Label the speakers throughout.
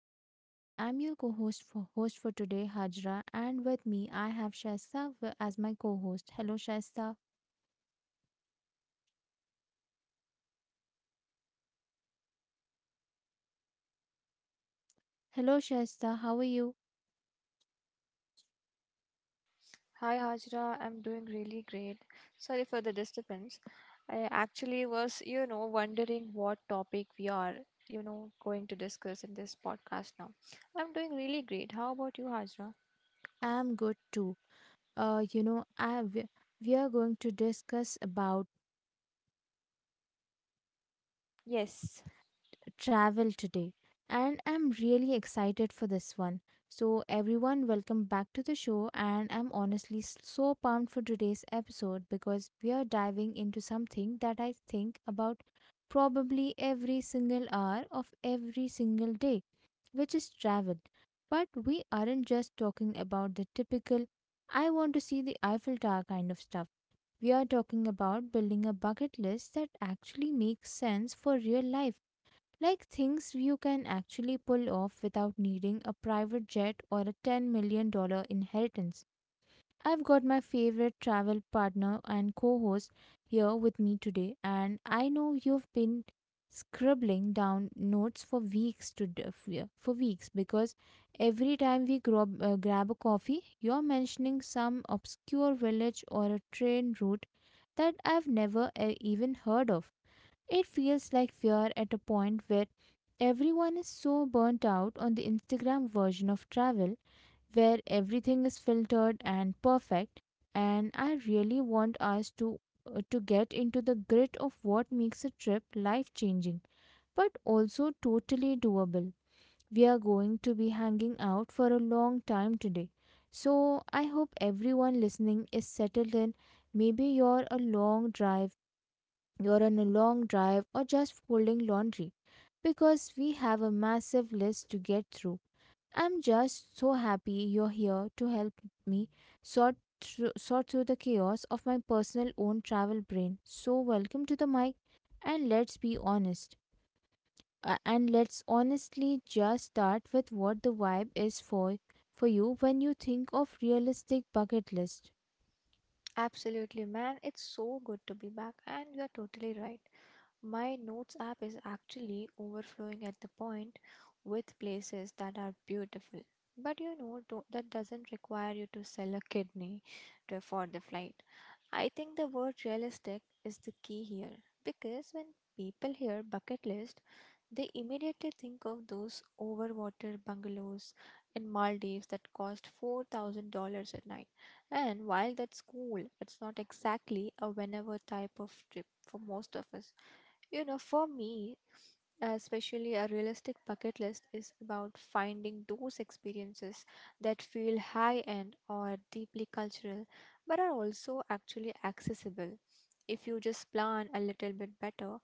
Speaker 1: to our show. I'm your co-host for today, Hajra, and with me I have Shaista as my co-host. Hello Shaista. Hello Shaista, how are you?
Speaker 2: Hi Hajra, I'm doing really great. Sorry for the disturbance. I actually was, wondering what topic we are, going to discuss in this podcast now. I'm doing really great. How about you, Hajra?
Speaker 1: I'm good too. You know, I we are going to discuss about
Speaker 2: Yes.
Speaker 1: travel today, and I'm really excited for this one. So, everyone, welcome back to the show, and I'm honestly so pumped for today's episode because we are diving into something that I think about probably every single hour of every single day, which is travel. But we aren't just talking about the typical, I want to see the Eiffel Tower kind of stuff. We are talking about building a bucket list that actually makes sense for real life. Like things you can actually pull off without needing a private jet or a $10 million dollar inheritance. I've got my favorite travel partner and co host here with me today, and I know you've been scribbling down notes for weeks yeah, for weeks because every time we grab a coffee, you're mentioning some obscure village or a train route that I've never, even heard of. It feels like we are at a point where everyone is so burnt out on the Instagram version of travel, where everything is filtered and perfect, and I really want us to, to get into the grit of what makes a trip life-changing, but also totally doable. We are going to be hanging out for a long time today. So, I hope everyone listening is settled in. Maybe you're a long drive You're on a long drive, or just folding laundry, because we have a massive list to get through. I'm just so happy you're here to help me sort through the chaos of my personal own travel brain. So welcome to the mic and let's be honest. And let's honestly just start with what the vibe is for you when you think of realistic bucket list.
Speaker 2: Absolutely, man. It's so good to be back, and you're totally right. My notes app is actually overflowing at the point with places that are beautiful. But you know, do that doesn't require you to sell a kidney to afford the flight. I think the word realistic is the key here because when people hear bucket list, they immediately think of those overwater bungalows in Maldives that cost $4,000 a night. And while that's cool, it's not exactly a whenever type of trip for most of us. You know, for me, especially a realistic bucket list is about finding those experiences that feel high end or deeply cultural but are also actually accessible if you just plan a little bit better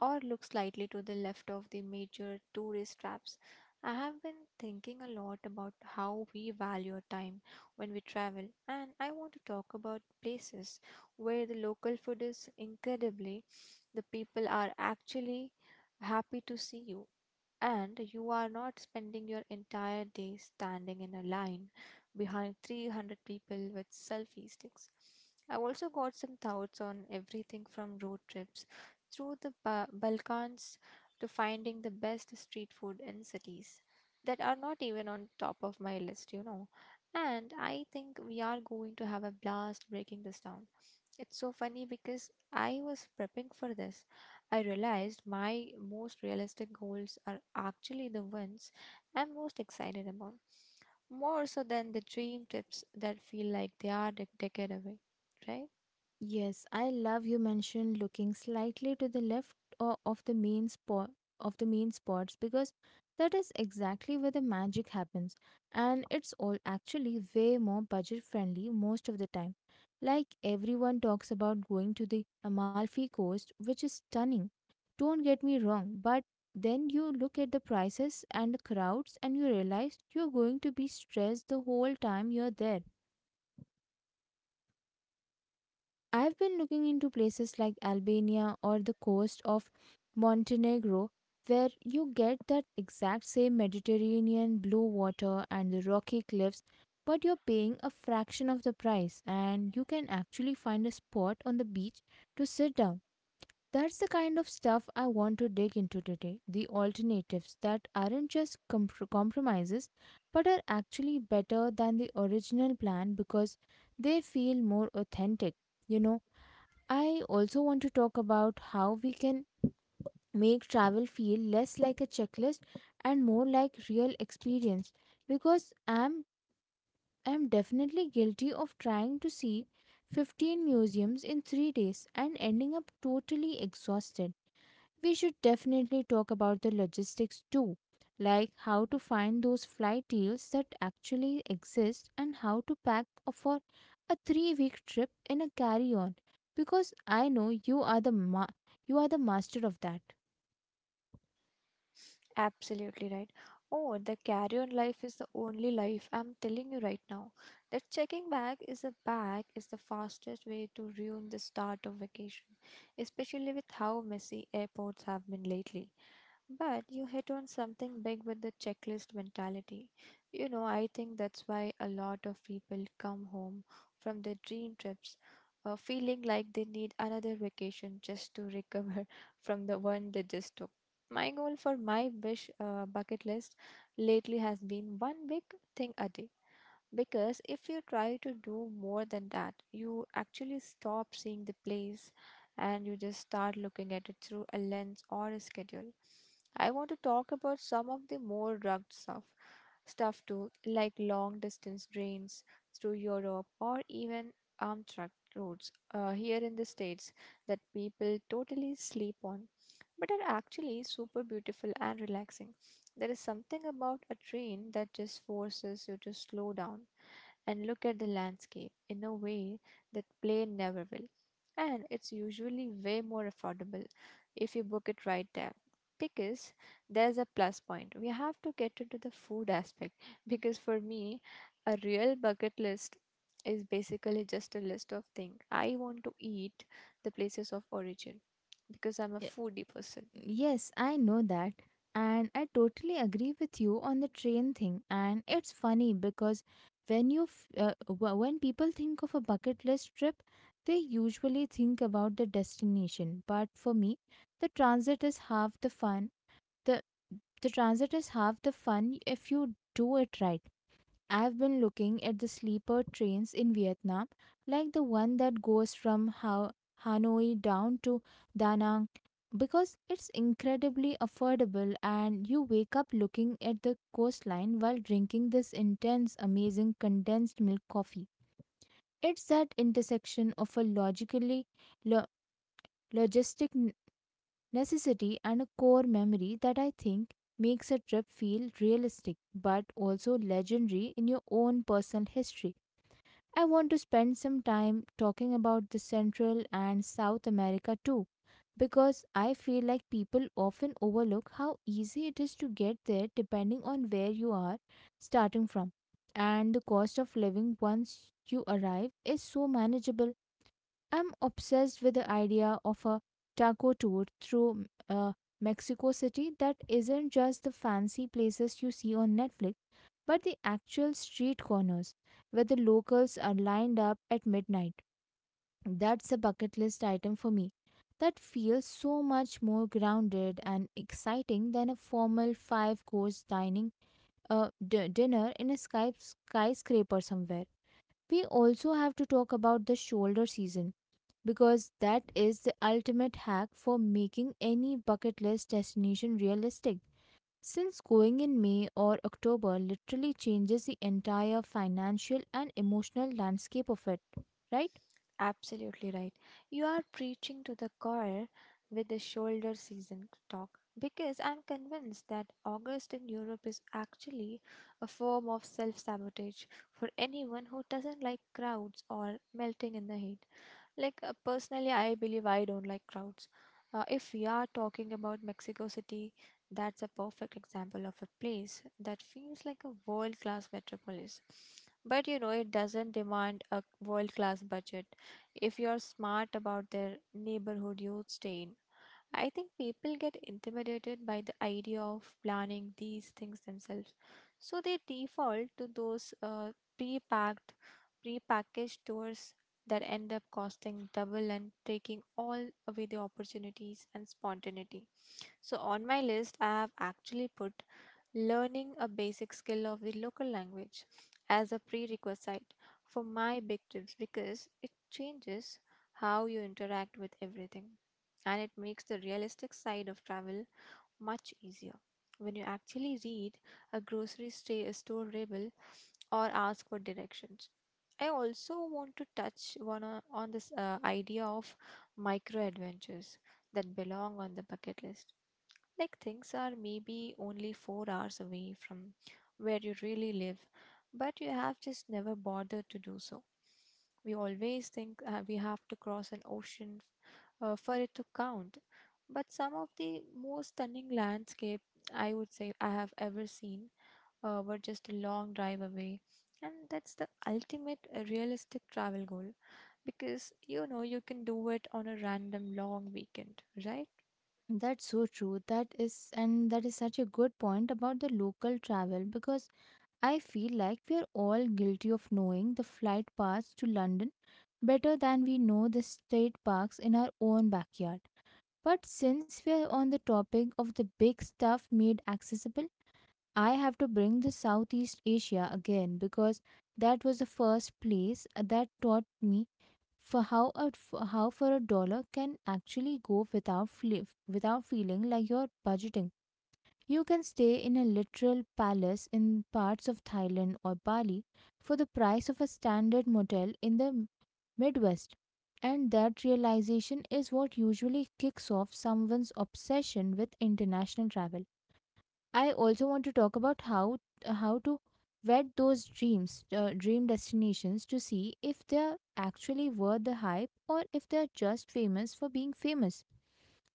Speaker 2: or look slightly to the left of the major tourist traps. I have been thinking a lot about how we value our time when we travel, and I want to talk about places where the local food is incredibly, the people are actually happy to see you and you are not spending your entire day standing in a line behind 300 people with selfie sticks. I also got some thoughts on everything from road trips through the Balkans to finding the best street food in cities that are not even on top of my list. And I think we are going to have a blast breaking this down. It's so funny because I was prepping for this I realized my most realistic goals are actually the ones I'm most excited about, more so than the dream trips that feel like they are a decade away, right?
Speaker 1: Yes, I love you mentioned looking slightly to the left o- of the main spot of the main spots, because that is exactly where the magic happens and it's all actually way more budget friendly most of the time. Like everyone talks about going to the Amalfi Coast, which is stunning. Don't get me wrong, but then you look at the prices and the crowds and you realize you're going to be stressed the whole time you're there. I've been looking into places like Albania or the coast of Montenegro, where you get that exact same Mediterranean blue water and the rocky cliffs, but you're paying a fraction of the price and you can actually find a spot on the beach to sit down. That's the kind of stuff I want to dig into today. The alternatives that aren't just compromises, but are actually better than the original plan because they feel more authentic. You know, I also want to talk about how we can make travel feel less like a checklist and more like real experience, because I'm definitely guilty of trying to see 15 museums in 3 days and ending up totally exhausted. We should definitely talk about the logistics too, like how to find those flight deals that actually exist and how to pack for a 3-week trip in a carry-on, because I know you are you are the master of that.
Speaker 2: Absolutely right. Oh, the carry on life is the only life I'm telling you right now. That checking bag is a bag is the fastest way to ruin the start of vacation, especially with how messy airports have been lately. But you hit on something big with the checklist mentality. You know, I think that's why a lot of people come home from their dream trips feeling like they need another vacation just to recover from the one they just took. My goal for my wish bucket list lately has been one big thing a day because if you try to do more than that, you actually stop seeing the place and you just start looking at it through a lens or a schedule. I want to talk about some of the more rugged stuff too, like long distance trains through Europe or even arm truck routes here in the States that people totally sleep on, but are actually super beautiful and relaxing. There is something about a train that just forces you to slow down and look at the landscape in a way that plane never will. And it's usually way more affordable if you book it right there. Because there's a plus point. We have to get into the food aspect. Because for me, a real bucket list is basically just a list of things I want to eat, the places of origin. Because I'm a foodie person.
Speaker 1: Yes, I know that. And I totally agree with you on the train thing. And it's funny because when you f- w- when people think of a bucket list trip, they usually think about the destination. But for me, the transit is half the fun. The the transit is half the fun if you do it right. I've been looking at the sleeper trains in Vietnam, like the one that goes from Hanoi down to Da Nang, because it's incredibly affordable and you wake up looking at the coastline while drinking this intense, amazing condensed milk coffee. It's that intersection of a lo- logistic necessity and a core memory that I think makes a trip feel realistic but also legendary in your own personal history. I want to spend some time talking about the Central and South America too, because I feel like people often overlook how easy it is to get there depending on where you are starting from. And the cost of living once you arrive is so manageable. I'm obsessed with the idea of a taco tour through, Mexico City that isn't just the fancy places you see on Netflix, but the actual street corners where the locals are lined up at midnight. That's a bucket list item for me. That feels so much more grounded and exciting than a formal five course dinner in a skyscraper somewhere. We also have to talk about the shoulder season because that is the ultimate hack for making any bucket list destination realistic. Since going in May or October literally changes the entire financial and emotional landscape of it, right?
Speaker 2: Absolutely right. You are preaching to the choir with the shoulder season talk because I'm convinced that August in Europe is actually a form of self sabotage for anyone who doesn't like crowds or melting in the heat. Like personally, I believe I don't like crowds. If we are talking about Mexico City, that's a perfect example of a place that feels like a world class metropolis. But you know, it doesn't demand a world class budget. If you're smart about their neighborhood you stay in, I think people get intimidated by the idea of planning these things themselves. So they default to those pre packed, pre packaged tours that end up costing double and taking all away the opportunities and spontaneity. So, on my list, I have actually put learning a basic skill of the local language as a prerequisite for my big trips because it changes how you interact with everything and it makes the realistic side of travel much easier. When you actually read a grocery store label or ask for directions. I also want to touch on this idea of micro adventures that belong on the bucket list. Like things are maybe only 4 hours away from where you really live, but you have just never bothered to do so. We always think we have to cross an ocean for it to count. But some of the most stunning landscape I would say I have ever seen were just a long drive away. And that's the ultimate realistic travel goal because you know you can do it on a random long weekend, right?
Speaker 1: That's so true. That is, and that is such a good point about the local travel, because I feel like we are all guilty of knowing the flight paths to London better than we know the state parks in our own backyard. But since we are on the topic of the big stuff made accessible, I have to bring the Southeast Asia again because that was the first place that taught me for how for a dollar can actually go without feeling like you're budgeting. You can stay in a literal palace in parts of Thailand or Bali for the price of a standard motel in the Midwest. And that realization is what usually kicks off someone's obsession with international travel. I also want to talk about how to vet those dream destinations to see if they're actually worth the hype or if they're just famous for being famous,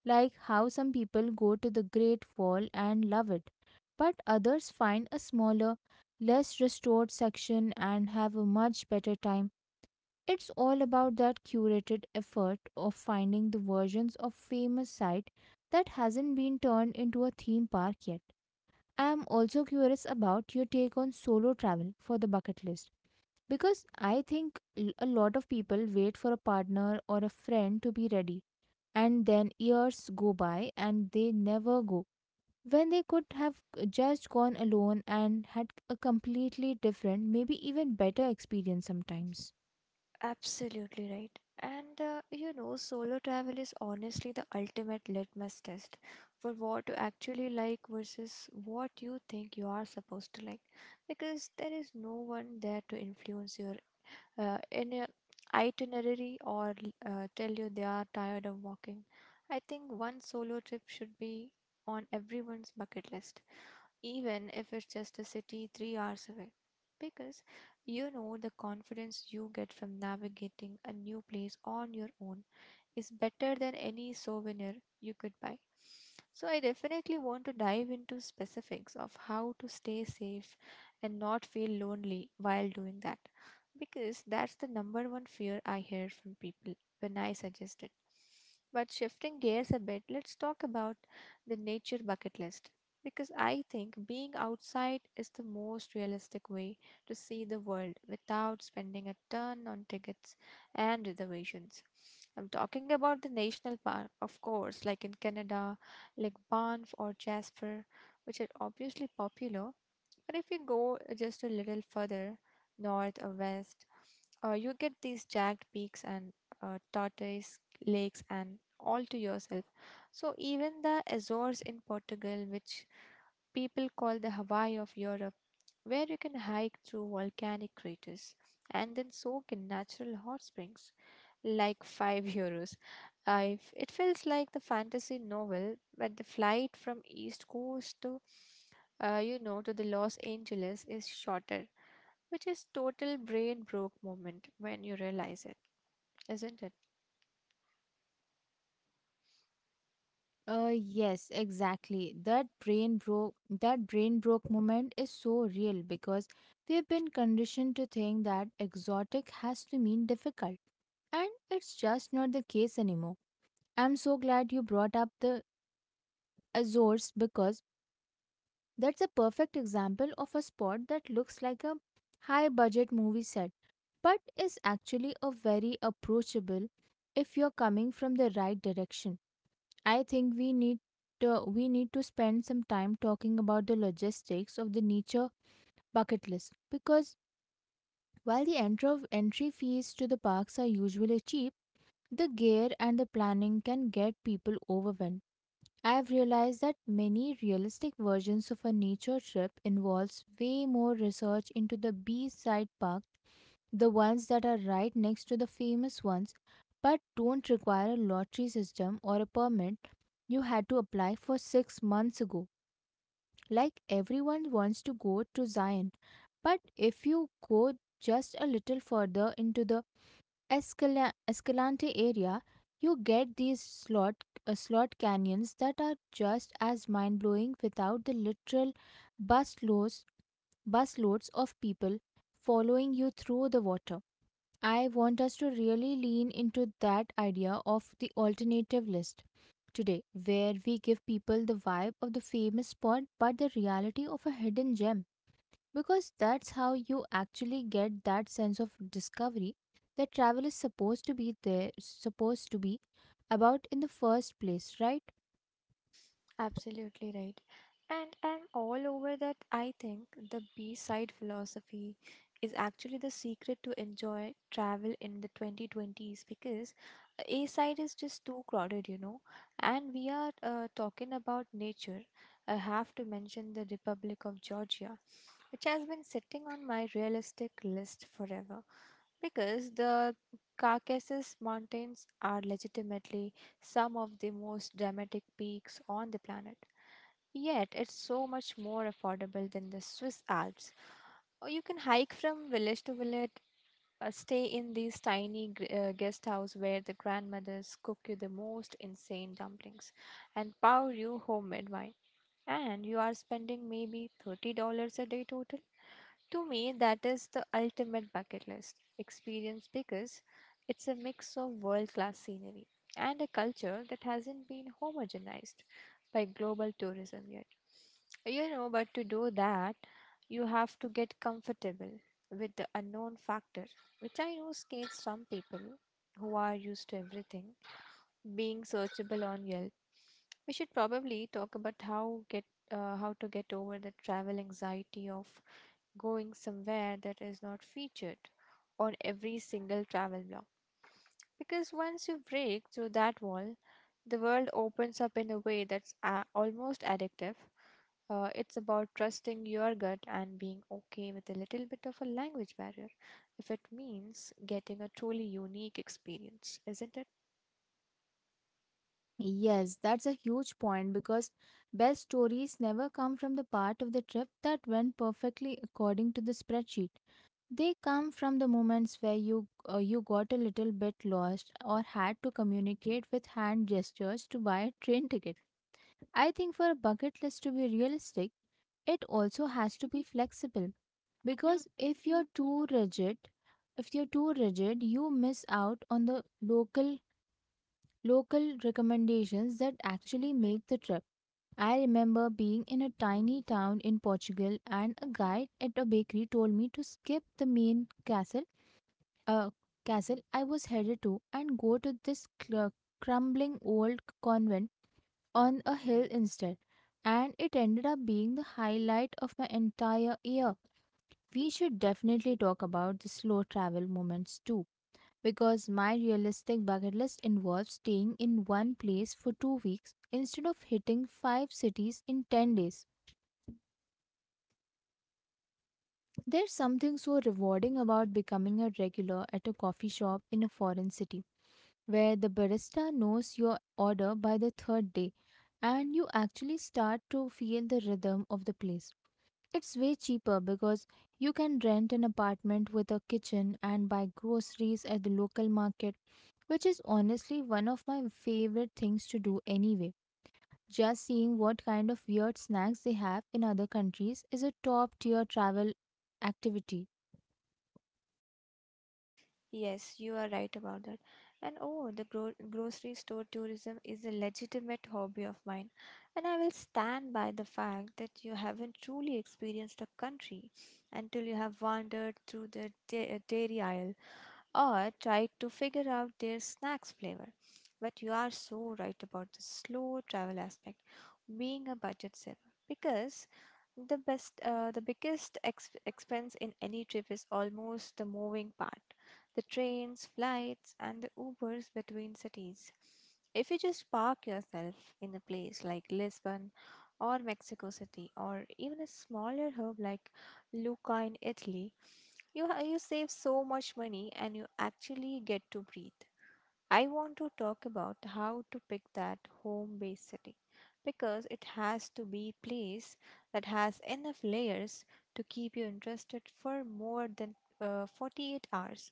Speaker 1: like how some people go to the Great Wall and love it, but others find a smaller, less restored section and have a much better time. It's all about that curated effort of finding the versions of famous site that hasn't been turned into a theme park yet. I am also curious about your take on solo travel for the bucket list. Because I think, a lot of people wait for a partner or a friend to be ready, and then years go by and they never go. When they could have just gone alone and had a completely different, maybe even better experience sometimes.
Speaker 2: Absolutely right. And you know, solo travel is honestly the ultimate litmus test for what you actually like versus what you think you are supposed to like, because there is no one there to influence your in a itinerary or tell you they are tired of walking. I think one solo trip should be on everyone's bucket list, even if it's just a city 3 hours away. Because you know the confidence you get from navigating a new place on your own is better than any souvenir you could buy. So, I definitely want to dive into specifics of how to stay safe and not feel lonely while doing that, because that's the number one fear I hear from people when I suggest it. But shifting gears a bit, let's talk about the nature bucket list because I think being outside is the most realistic way to see the world without spending a ton on tickets and reservations. I'm talking about the national park, of course, like in Canada, like Banff or Jasper, which are obviously popular. But if you go just a little further north or west, you get these jagged peaks and tortoise lakes and all to yourself. So even the Azores in Portugal, which people call the Hawaii of Europe, where you can hike through volcanic craters and then soak in natural hot springs like 5 euros. I f It feels like the fantasy novel, but the flight from East Coast to, you know, to the Los Angeles is shorter, which is total brain broke moment when you realize it, isn't it?
Speaker 1: Uh yes, exactly. That brain broke moment is so real because we've been conditioned to think that exotic has to mean difficult. And it's just not the case anymore. I'm so glad you brought up the Azores because that's a perfect example of a spot that looks like a high budget movie set, but is actually a very approachable if you're coming from the right direction. I think we need to spend some time talking about the logistics of the nature bucket list, because while the entry fees to the parks are usually cheap, the gear and the planning can get people overwhelmed. I have realized that many realistic versions of a nature trip involves way more research into the B-side park, the ones that are right next to the famous ones, but don't require a lottery system or a permit you had to apply for 6 months ago. Like everyone wants to go to Zion, but if you go just a little further into the Escalante area, you get these slot canyons that are just as mind blowing without the literal busloads busloads of people following you through the water. I want us to really lean into that idea of the alternative list today, where we give people the vibe of the famous spot but the reality of a hidden gem, because that's how you actually get that sense of discovery that travel is supposed to be about in the first place, right?
Speaker 2: Absolutely right. And I'm all over that. I think the B-side philosophy is actually the secret to enjoy travel in the 2020s because A side is just too crowded, you know. And we are talking about nature. I have to mention the Republic of Georgia, which has been sitting on my realistic list forever because the Caucasus Mountains are legitimately some of the most dramatic peaks on the planet. Yet, it's so much more affordable than the Swiss Alps. Or you can hike from village to village stay in these tiny guest house where the grandmothers cook you the most insane dumplings and pour you homemade wine. And you are spending maybe $30 a day total to me, that is the ultimate bucket list experience because it's a mix of world class scenery and a culture that hasn't been homogenized by global tourism yet. You know, but to do that, you have to get comfortable with the unknown factor, which I know scares some people who are used to everything being searchable on Yelp. We should probably talk about how to get over the travel anxiety of going somewhere that is not featured on every single travel blog. Because once you break through that wall, the world opens up in a way that's almost addictive. It's about trusting your gut and being okay with a little bit of a language barrier if it means getting a truly unique experience, isn't it?
Speaker 1: Yes, that's a huge point because best stories never come from the part of the trip that went perfectly according to the spreadsheet. They come from the moments where you got a little bit lost or had to communicate with hand gestures to buy a train ticket. I think for a bucket list to be realistic, it also has to be flexible because if you're too rigid, you miss out on the local recommendations that actually make the trip. I remember being in a tiny town in Portugal, and a guide at a bakery told me to skip the main uh, castle I was headed to and go to this crumbling old convent on a hill instead, and it ended up being the highlight of my entire year. We should definitely talk about the slow travel moments too, because my realistic bucket list involves staying in one place for 2 weeks instead of hitting five cities in 10 days. There's something so rewarding about becoming a regular at a coffee shop in a foreign city, where the barista knows your order by the third day and you actually start to feel the rhythm of the place. It's way cheaper because you can rent an apartment with a kitchen and buy groceries at the local market, which is honestly one of my favorite things to do anyway. Just seeing what kind of weird snacks they have in other countries is a top tier travel activity.
Speaker 2: Yes, you are right about that. And oh, the grocery store tourism is a legitimate hobby of mine. And I will stand by the fact that you haven't truly experienced a country until you have wandered through the dairy aisle or try to figure out their snack's flavor. But you are so right about the slow travel aspect being a budget saver because the best the biggest expense in any trip is almost the moving part, the trains, flights and the ubers between cities. If you just park yourself in a place like Lisbon or Mexico City or even a smaller hub like Lucca in Italy, you save so much money and you actually get to breathe. I want to talk about how to pick that home base city because it has to be a place that has enough layers to keep you interested for more than 48 hours.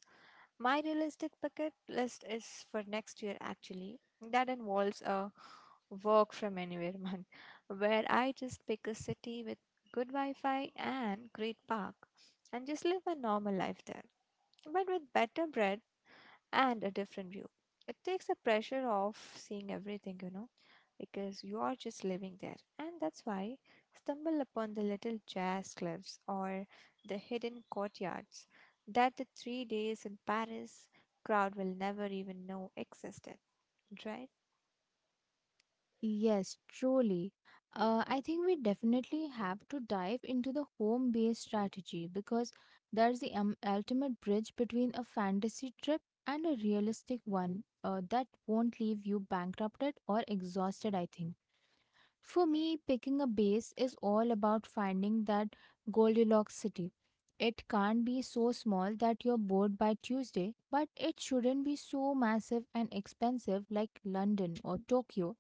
Speaker 2: My realistic bucket list is for next year actually. That involves a work from anywhere month where I just pick a city with good Wi Fi and great park and just live a normal life there, but with better bread and a different view. It takes the pressure off seeing everything, you know, because you are just living there. And that's why stumble upon the little jazz clubs or the hidden courtyards that the three days in Paris crowd will never even know existed, right?
Speaker 1: Yes, truly. I think we definitely have to dive into the home based strategy because that's the ultimate bridge between a fantasy trip and a realistic one, that won't leave you bankrupted or exhausted, I think. For me, picking a base is all about finding that Goldilocks city. It can't be so small that you're bored by Tuesday, but it shouldn't be so massive and expensive, like London or Tokyo,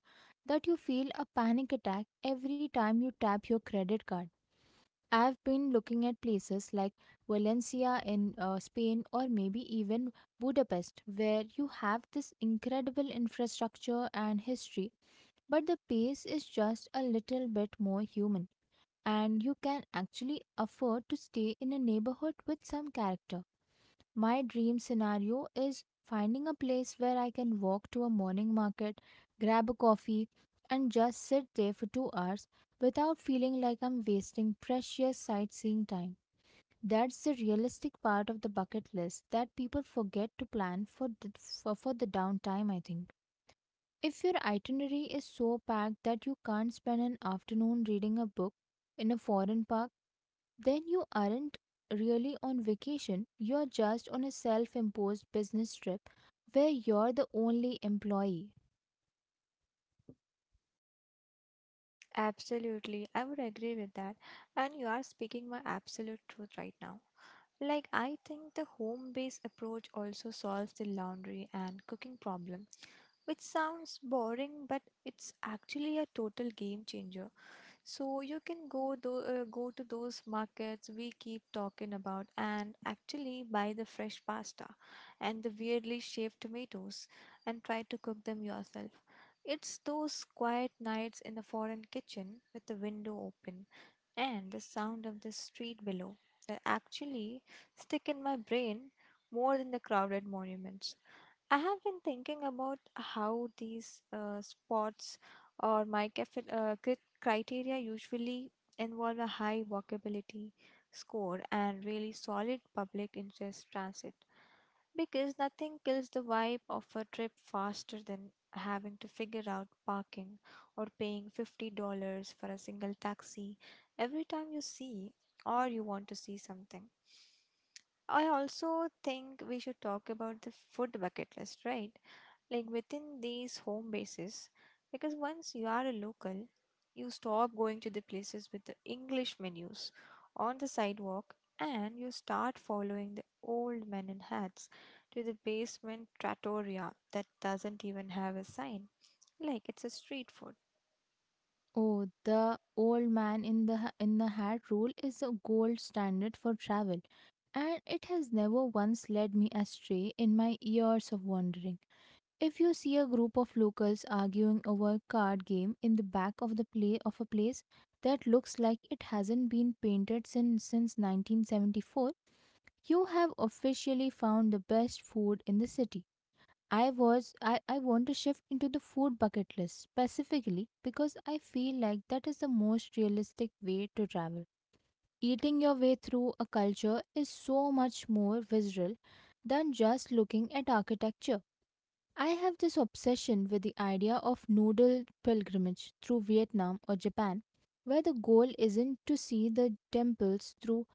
Speaker 1: that you feel a panic attack every time you tap your credit card. I've been looking at places like Valencia in Spain, or maybe even Budapest, where you have this incredible infrastructure and history, but the pace is just a little bit more human, and you can actually afford to stay in a neighborhood with some character. My dream scenario is finding a place where I can walk to a morning market, grab a coffee, and just sit there for 2 hours without feeling like I'm wasting precious sightseeing time. That's the realistic part of the bucket list that people forget to plan for: for the downtime, I think. If your itinerary is so packed that you can't spend an afternoon reading a book in a foreign park, then you aren't really on vacation. You're just on a self imposed business trip where you're the only employee.
Speaker 2: Absolutely, I would agree with that. And you are speaking my absolute truth right now. Like, I think the home based approach also solves the laundry and cooking problem, which sounds boring, but it's actually a total game changer. So you can go to those markets we keep talking about and actually buy the fresh pasta and the weirdly shaped tomatoes and try to cook them yourself. It's those quiet nights in the foreign kitchen with the window open and the sound of the street below that actually stick in my brain more than the crowded monuments. I have been thinking about how these spots or my cafe, criteria usually involve a high walkability score and really solid public interest transit because nothing kills the vibe of a trip faster than having to figure out parking or paying $50 for a single taxi every time you see or you want to see something. I also think we should talk about the food bucket list, right? Like within these home bases because once you are a local, you stop going to the places with the English menus on the sidewalk, and you start following the old men in hats to the basement trattoria that doesn't even have a sign, like it's a street food.
Speaker 1: Oh, the old man in the in the hat rule is a gold standard for travel, and it has never once led me astray in my years of wandering. If you see a group of locals arguing over a card game in the back of the play of a place that looks like it hasn't been painted since 1974, you have officially found the best food in the city. I want to shift into the food bucket list specifically because I feel like that is the most realistic way to travel. Eating your way through a culture is so much more visceral than just looking at architecture. I have this obsession with the idea of noodle pilgrimage through Vietnam or Japan, where the goal isn't to see the temples through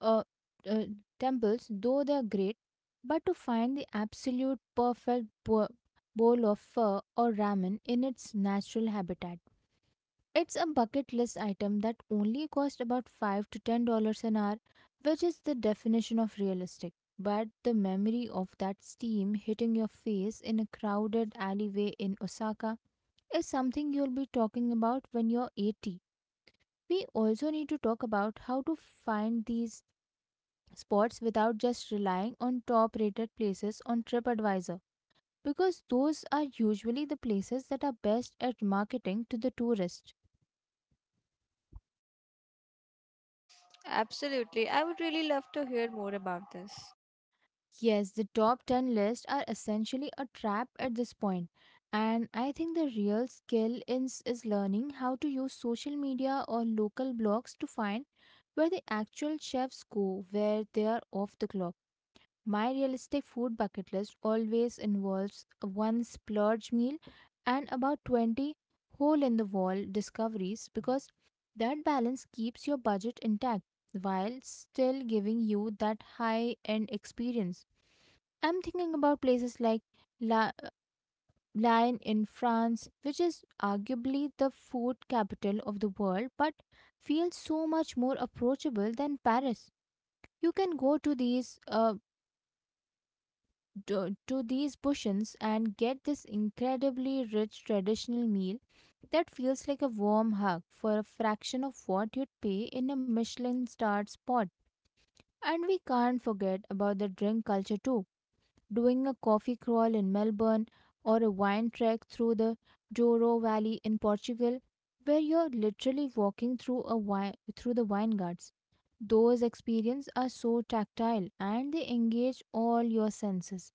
Speaker 1: uh, uh, temples, though they are great, but to find the absolute perfect bowl of pho or ramen in its natural habitat. It's a bucket list item that only costs about 5 to $10 an hour, which is the definition of realistic. But the memory of that steam hitting your face in a crowded alleyway in Osaka is something you'll be talking about when you're 80. We also need to talk about how to find these spots without just relying on top rated places on TripAdvisor, because those are usually the places that are best at marketing to the tourist.
Speaker 2: Absolutely, I would really love to hear more about this.
Speaker 1: Yes, the top 10 lists are essentially a trap at this point, and I think the real skill is learning how to use social media or local blogs to find where the actual chefs go, where they are off the clock. My realistic food bucket list always involves one splurge meal and about 20 hole in the wall discoveries, because that balance keeps your budget intact while still giving you that high end experience. I'm thinking about places like La- Lyon in France, which is arguably the food capital of the world but feels so much more approachable than Paris. You can go to these to these bushens and get this incredibly rich traditional meal that feels like a warm hug for a fraction of what you'd pay in a Michelin starred spot. And we can't forget about the drink culture too. Doing a coffee crawl in Melbourne, or a wine trek through the Douro Valley in Portugal, where you're literally walking through a through the vineyards. Those experiences are so tactile, and they engage all your senses,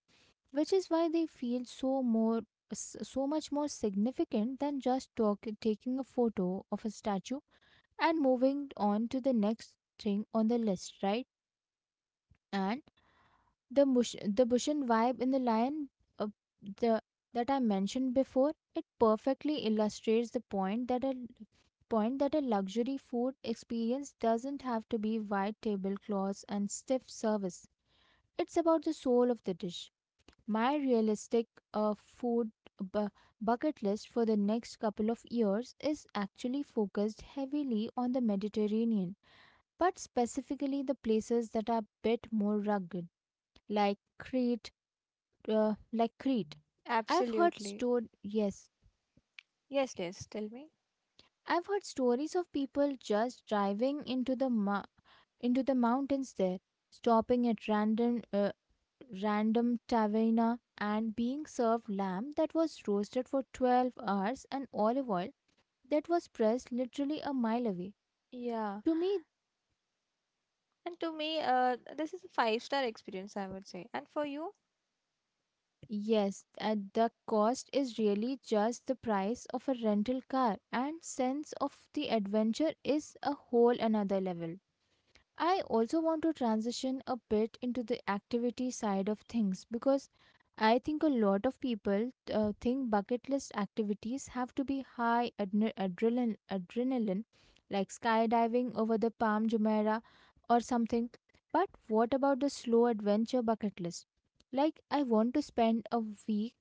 Speaker 1: which is why they feel so so much more significant than just taking a photo of a statue and moving on to the next thing on the list, right? And the bush the bushin vibe in the lion, uh, the that I mentioned before, it perfectly illustrates the point that a luxury food experience doesn't have to be white tablecloths and stiff service. It's about the soul of the dish. My realistic food bu- bucket list for the next couple of years is actually focused heavily on the Mediterranean, but specifically the places that are a bit more rugged, like Crete. Uh, like Crete, I've heard
Speaker 2: Absolutely.
Speaker 1: yes,
Speaker 2: Yes, yes, tell me.
Speaker 1: I've heard stories of people just driving into the into the mountains there, stopping at random taverna, and being served lamb that was roasted for 12 hours and olive oil that was pressed literally a mile away.
Speaker 2: Yeah,
Speaker 1: To me,
Speaker 2: and to me, this is a five-star experience, I would say, and for you.
Speaker 1: yes, at the cost is really just the price of a rental car, and sense of the adventure is a whole another level. I also want to transition a bit into the activity side of things, because I think a lot of people think bucket list activities have to be high adrenaline, like skydiving over the Palm Jumeirah or something. But what about the slow adventure bucket list? Like, I want to spend a week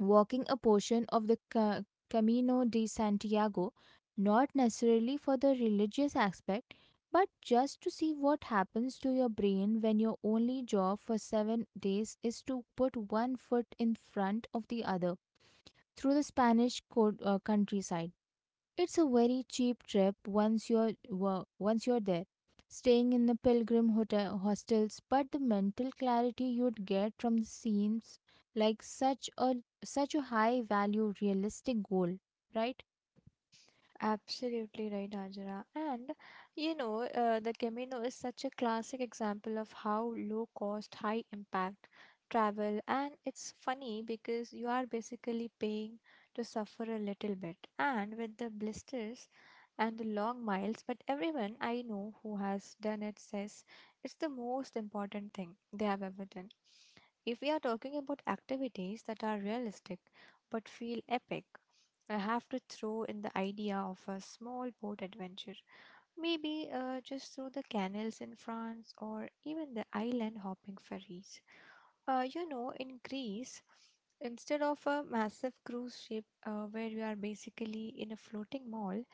Speaker 1: walking a portion of the Camino de Santiago, not necessarily for the religious aspect, but just to see what happens to your brain when your only job for 7 days is to put one foot in front of the other through the Spanish countryside. It's a very cheap trip once you're there, staying in the pilgrim hotel hostels. But the mental clarity you'd get from the scenes, like such a such a high value realistic goal, right?
Speaker 2: Absolutely right, Ajara. And you know, the Camino is such a classic example of how low cost, high impact travel. And it's funny because you are basically paying to suffer a little bit. And with the blisters and the long miles, but everyone I know who has done it says it's the most important thing they have ever done. If we are talking about activities that are realistic but feel epic, I have to throw in the idea of a small boat adventure. Maybe just through the canals in France or even the island hopping ferries. You know, in Greece, instead of a massive cruise ship where you are basically in a floating mall,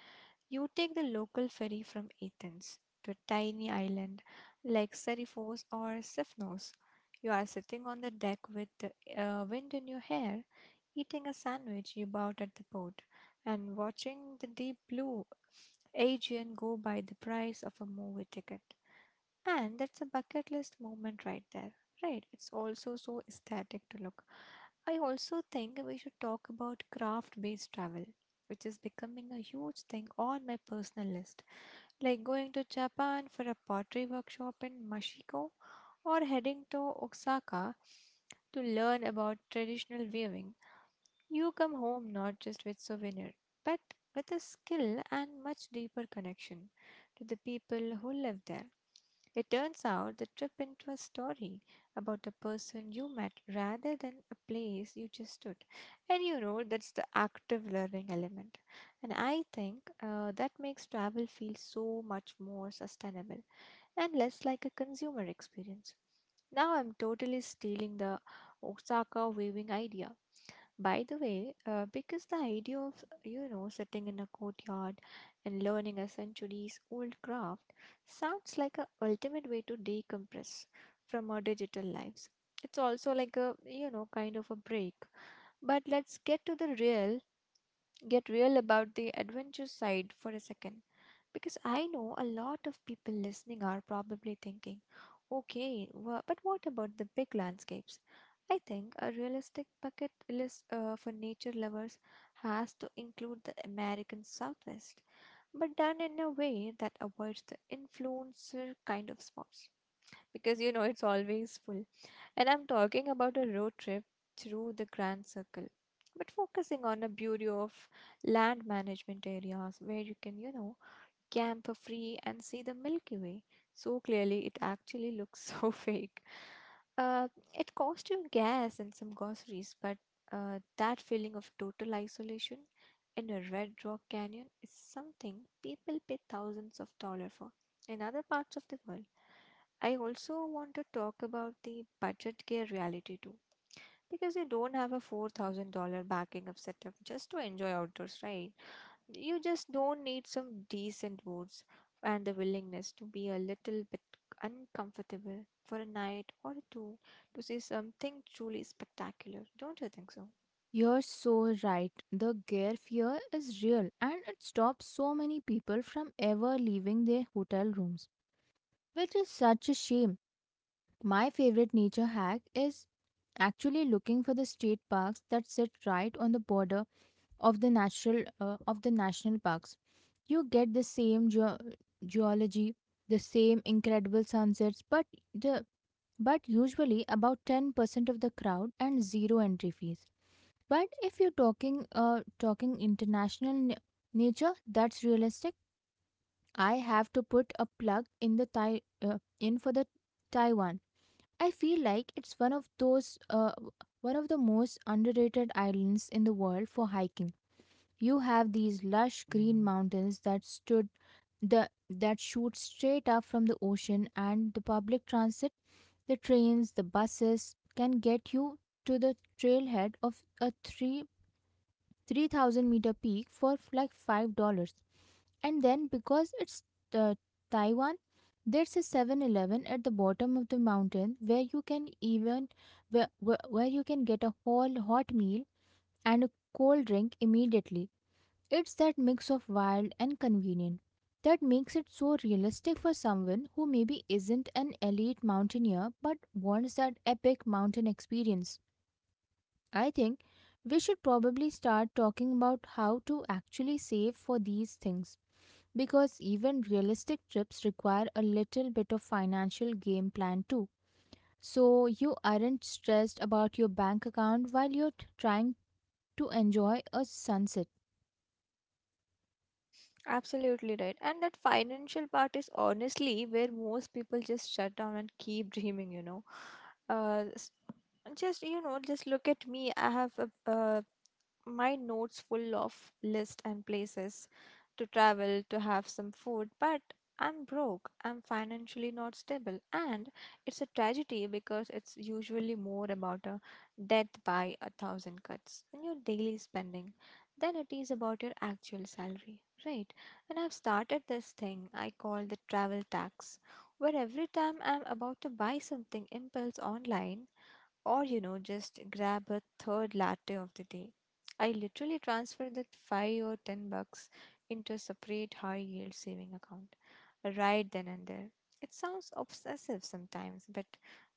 Speaker 2: you take the local ferry from Athens to a tiny island like Seriphos or Sipnos. You are sitting on the deck with the wind in your hair, eating a sandwich you bought at the port, and watching the deep blue Aegean go by the price of a movie ticket. And that's a bucket list moment right there, right? It's also so aesthetic to look. I also think we should talk about craft based travel, which is becoming a huge thing on my personal list, like going to Japan for a pottery workshop in Mashiko or heading to Osaka to learn about traditional weaving. You come home not just with souvenir, but with a skill and much deeper connection to the people who live there. It turns out the trip into a story about a person you met rather than a place you just stood. And you know, that's the active learning element. And I think that makes travel feel so much more sustainable and less like a consumer experience. Now I'm totally stealing the Osaka weaving idea. By the way, because the idea of, you know, sitting in a courtyard and learning a centuries old craft sounds like a ultimate way to decompress from our digital lives. It's also like a, you know, kind of a break. But let's get to the real get real about the adventure side for a second because I know a lot of people listening are probably thinking, okay, what about the big landscapes? I think a realistic bucket list for nature lovers has to include the American Southwest, but done in a way that avoids the influencer kind of spots. Because you know it's always full. And I'm talking about a road trip through the Grand Circle, but focusing on the beauty of land management areas where you can, you know, camphor free and see the Milky Way so clearly it actually looks so fake. It cost you gas and some groceries, but that feeling of total isolation in a Red Rock Canyon is something people pay thousands of dollars for in other parts of the world. I also want to talk about the budget gear reality too, because you don't have a $4,000 backing up setup just to enjoy outdoors, right? You just don't need some decent words and the willingness to be a little bit uncomfortable for a night or two to see something truly spectacular. Don't you think so?
Speaker 1: You're so right. The gear fear is real, and it stops so many people from ever leaving their hotel rooms, which is such a shame. My favorite nature hack is actually looking for the state parks that sit right on the border of the natural of the national parks. You get the same geology, the same incredible sunsets, but the but usually about 10% of the crowd and zero entry fees. But if you're talking international nature that's realistic, I have to put a plug in the Thai, in for the Taiwan. I feel like it's one of those one of the most underrated islands in the world for hiking. You have these lush green mountains that stood the that shoot straight up from the ocean, and the public transit, the trains, the buses, can get you to the trailhead of a 3 3,000 meter peak for like $5. And then because it's uh, Taiwan, there's a 7-Eleven at the bottom of the mountain where you can even where you can get a whole hot meal and a cold drink immediately. It's that mix of wild and convenient that makes it so realistic for someone who maybe isn't an elite mountaineer but wants that epic mountain experience. I think we should probably start talking about how to actually save for these things, because even realistic trips require a little bit of financial game plan too. So you aren't stressed about your bank account while you're trying to enjoy a sunset.
Speaker 2: Absolutely right. And that financial part is honestly where most people just shut down and keep dreaming, you know. Uh, s- just, you know, just look at me. I have a, my notes full of list and places to travel to have some food, but I'm broke, I'm financially not stable. And it's a tragedy because it's usually more about a death by a thousand cuts in your daily spending than it is about your actual salary, right? And I've started this thing I call the travel tax, where every time I'm about to buy something impulse online or, you know, just grab a third latte of the day, I literally transfer that 5 or $10 into a separate high yield saving account right then and there. It sounds obsessive sometimes, but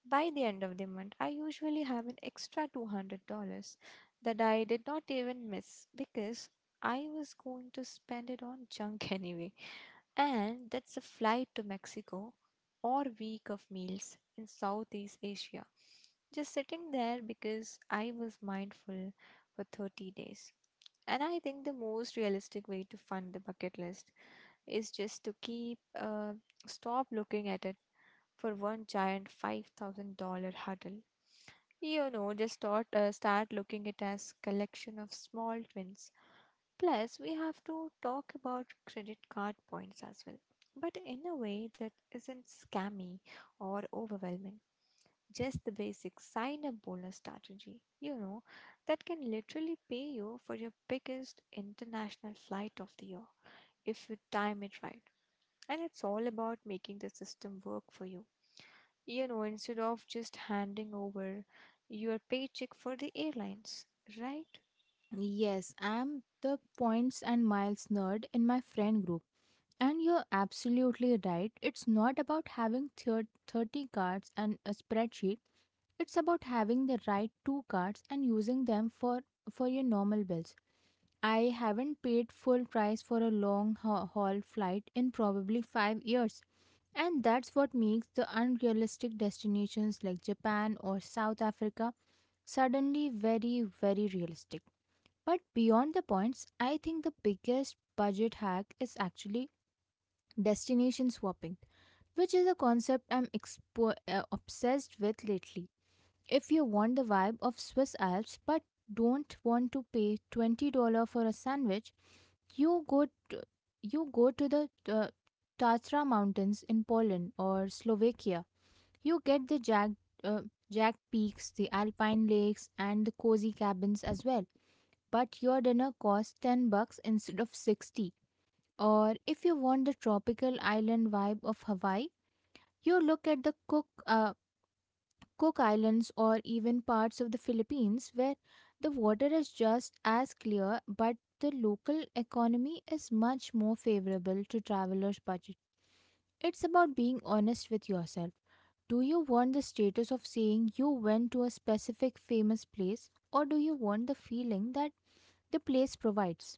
Speaker 2: by the end of the month, I usually have an extra $200 that I did not even miss because I was going to spend it on junk anyway. And that's a flight to Mexico or week of meals in Southeast Asia. Just sitting there because I was mindful for 30 days. And I think the most realistic way to fund the bucket list is just to stop looking at it for one giant $5,000 huddle. You know, start looking at as collection of small twins. Plus, we have to talk about credit card points as well, but in a way that isn't scammy or overwhelming. Just the basic sign up bonus strategy, you know, that can literally pay you for your biggest international flight of the year if you time it right. And it's all about making the system work for you. You know, instead of just handing over your paycheck for the airlines, right?
Speaker 1: Yes, I'm the points and miles nerd in my friend group. And you're absolutely right. It's not about having 30 cards and a spreadsheet. It's about having the right two cards and using them for your normal bills. I haven't paid full price for a long haul flight in probably 5 years. And that's what makes the unrealistic destinations like Japan or South Africa suddenly very, very realistic. But beyond the points, I think the biggest budget hack is actually destination swapping, which is a concept I'm obsessed with lately. If you want the vibe of Swiss Alps but don't want to pay $20 for a sandwich, you go to, you go to the Tatra Mountains in Poland or Slovakia. You get the jagged, uh, jagged peaks, the alpine lakes, and the cozy cabins as well, but your dinner costs $10 instead of 60. Or if you want the tropical island vibe of Hawaii, you look at the Cook Islands or even parts of the Philippines where the water is just as clear, but the local economy is much more favorable to travelers' budget. It's about being honest with yourself. Do you want the status of saying you went to a specific famous place, or do you want the feeling that the place provides?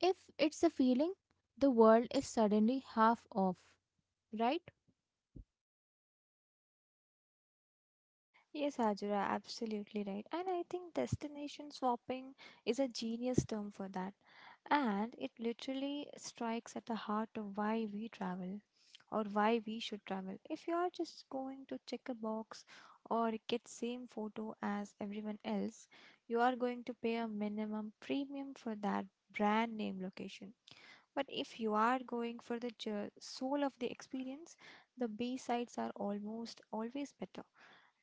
Speaker 1: If it's a feeling, the world is suddenly half off, right?
Speaker 2: Yes, Ajura, absolutely right. And I think destination swapping is a genius term for that. And it literally strikes at the heart of why we travel or why we should travel. If you are just going to check a box or get same photo as everyone else, you are going to pay a minimum premium for that brand name location. But if you are going for the soul of the experience, the B sides are almost always better.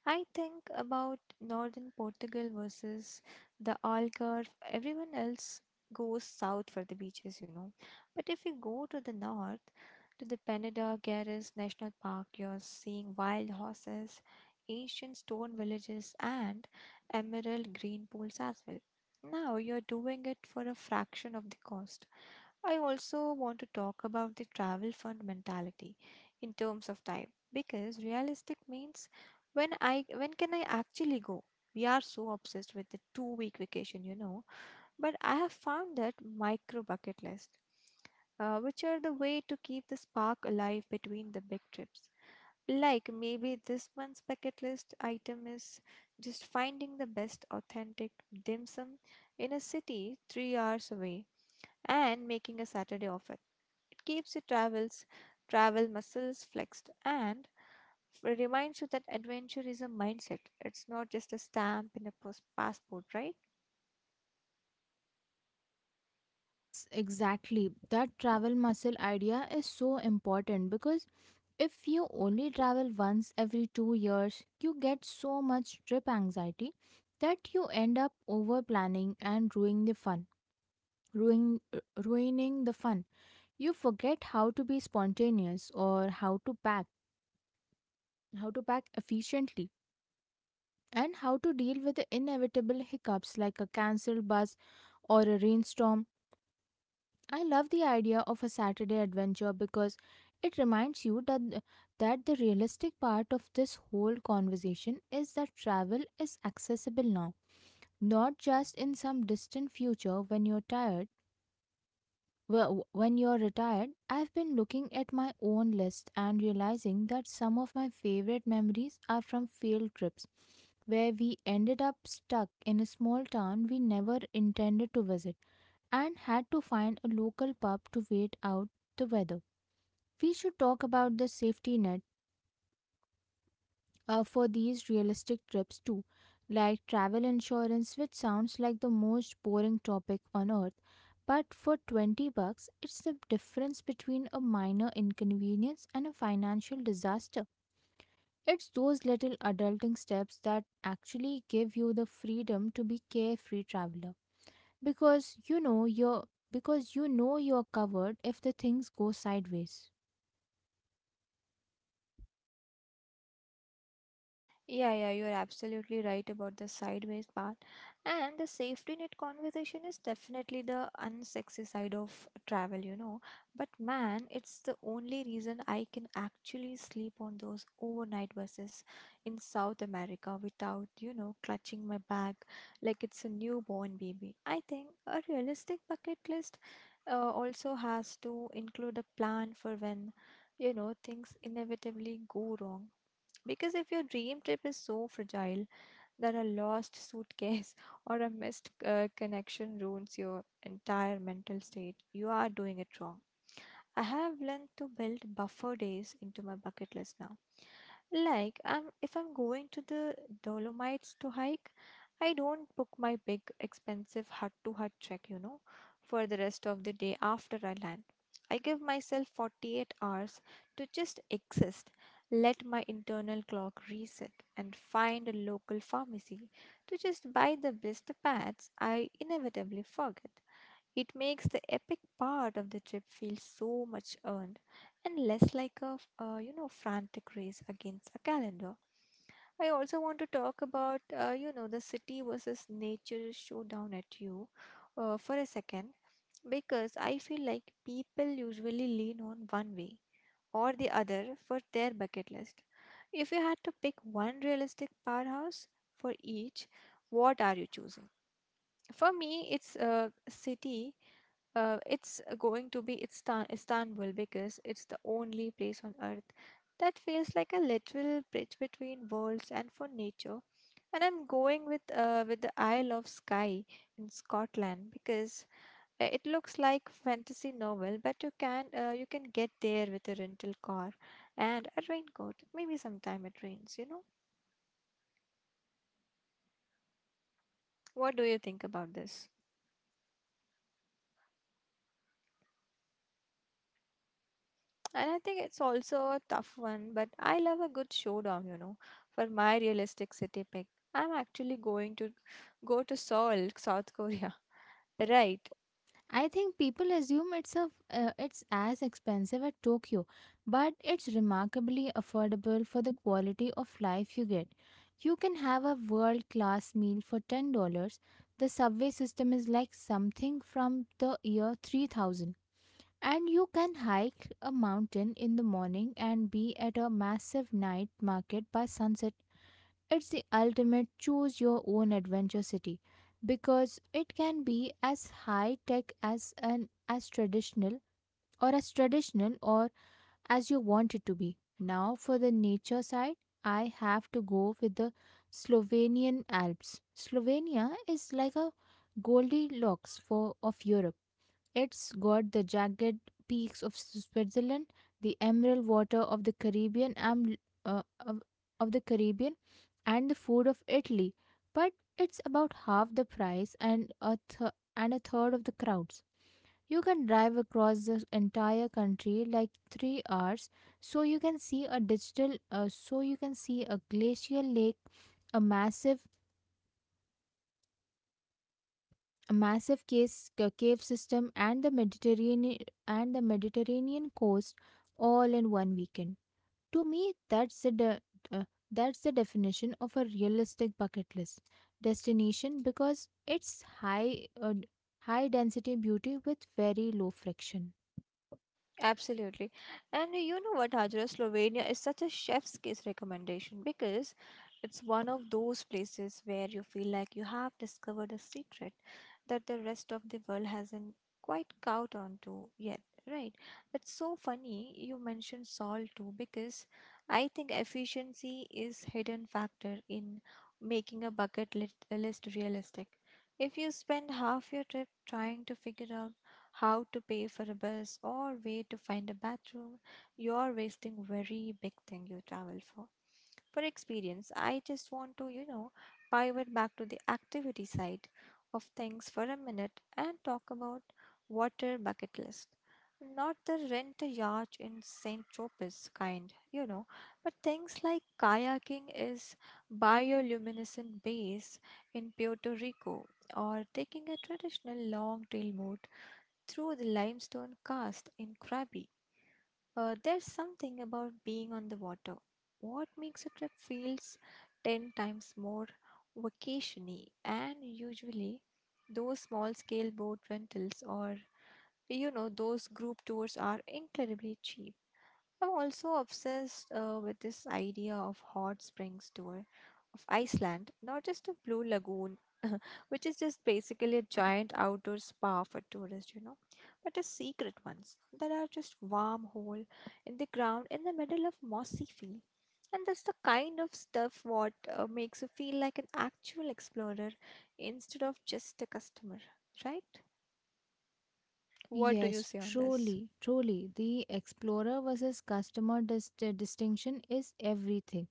Speaker 2: I think about northern Portugal versus the Algarve. Everyone else goes south for the beaches, you know. But if you go to the north, to the Peneda Garris National Park, you're seeing wild horses, ancient stone villages, and emerald green pools as well. Now you're doing it for a fraction of the cost. I also want to talk about the travel fund mentality in terms of time, because realistic means when can I actually go. We are so obsessed with the two-week vacation, you know, but I have found that micro bucket list, which are the way to keep the spark alive between the big trips. Like maybe this month's bucket list item is just finding the best authentic dim sum in a city 3 hours away and making a saturday of it. It keeps your travel muscles flexed. And but it reminds you that adventure is a mindset. It's not just a stamp in a pos- passport, right?
Speaker 1: Yes, exactly. That travel muscle idea is so important because if you only travel once every 2 years, you get so much trip anxiety that you end up over planning and ruining the fun. Ruining the fun. You forget how to be spontaneous or how to pack efficiently, and how to deal with inevitable hiccups like a cancelled bus or a rainstorm. I love the idea of a Saturday adventure because it reminds you that that the realistic part of this whole conversation is that travel is accessible now, not just in some distant future when when you're retired. I've been looking at my own list and realizing that some of my favorite memories are from field trips where we ended up stuck in a small town we never intended to visit and had to find a local pub to wait out the weather. We should talk about the safety net, for these realistic trips too, like travel insurance, which sounds like the most boring topic on earth. But for $20, it's the difference between a minor inconvenience and a financial disaster. It's those little adulting steps that actually give you the freedom to be carefree traveler because you know you're because you know you're covered if the things go sideways.
Speaker 2: Yeah, you're absolutely right about the sideways part. And the safety net conversation is definitely the unsexy side of travel, you know. But man, it's the only reason I can actually sleep on those overnight buses in South America without, you know, clutching my bag like it's a newborn baby. I think a realistic bucket list also has to include a plan for when, you know, things inevitably go wrong because if your dream trip is so fragile that a lost suitcase or a missed connection ruins your entire mental state, you are doing it wrong. I have learned to build buffer days into my bucket list now. If I'm going to the Dolomites to hike, I don't book my big, expensive hut to hut trek, you know, for the rest of the day after I land. I give myself 48 hours to just exist, let my internal clock reset, and find a local pharmacy to just buy the best pads I inevitably forget. It makes the epic part of the trip feel so much earned and less like a frantic race against a calendar. I also want to talk about, you know, the city versus nature showdown at you for a second because I feel like people usually lean on one way or the other for their bucket list. If you had to pick one realistic powerhouse for each, what are you choosing? For me, it's a city. It's going to be Istanbul because it's the only place on earth that feels like a literal bridge between worlds, and for nature, And I'm going with with the Isle of Skye in Scotland because it looks like fantasy novel, but you can get there with a rental car and a raincoat. Maybe sometime it rains, you know. What do you think about this? And I think it's also a tough one, but I love a good showdown, you know, for my realistic city pick. I'm actually going to go to Seoul, South Korea, right?
Speaker 1: I think people assume it's as expensive as Tokyo, but it's remarkably affordable for the quality of life you get. You can have a world-class meal for $10. The subway system is like something from the year 3000. And you can hike a mountain in the morning and be at a massive night market by sunset. It's the ultimate choose your own adventure city because it can be as high tech as an as traditional or as traditional or as you want it to be. Now for the nature side, I have to go with the Slovenian Alps. Slovenia is like a Goldilocks for of Europe. It's got the jagged peaks of Switzerland, the emerald water of the Caribbean, and uh, of, of the Caribbean, and the food of Italy. But it's about half the price and and a third of the crowds. You can drive across the entire country like 3 hours, so you can see a glacial lake, a massive a massive cave system and the Mediterranean coast all in one weekend. To me, uh, that's the definition of a realistic bucket list destination because it's high density beauty with very low friction.
Speaker 2: Absolutely. And you know what, Hajra, Slovenia is such a chef's kiss recommendation because it's one of those places where you feel like you have discovered a secret that the rest of the world hasn't quite caught on to yet, right? It's so funny you mentioned salt too because I think efficiency is hidden factor in making a bucket list realistic. If you spend half your trip trying to figure out how to pay for a bus or where to find a bathroom, you're wasting very big thing you travel for. For experience, I just want to, you know, pivot back to the activity side of things for a minute and talk about water bucket list. Not the rent a yacht in St. Tropez kind, you know, but things like kayaking is bioluminescent bays in Puerto Rico or taking a traditional long tail boat through the limestone cast in Krabi. There's something about being on the water. What makes a trip feels 10 times more vacationy, and usually those small scale boat rentals or, you know, those group tours are incredibly cheap. I'm also obsessed with this idea of hot springs tour of Iceland, not just a blue lagoon, which is just basically a giant outdoor spa for tourists, you know, but a secret ones that are just warm hole in the ground in the middle of mossy field. And that's the kind of stuff what makes you feel like an actual explorer instead of just a customer, right? What do you
Speaker 1: Yes,
Speaker 2: say on this?
Speaker 1: truly, truly. The explorer versus customer distinction is everything.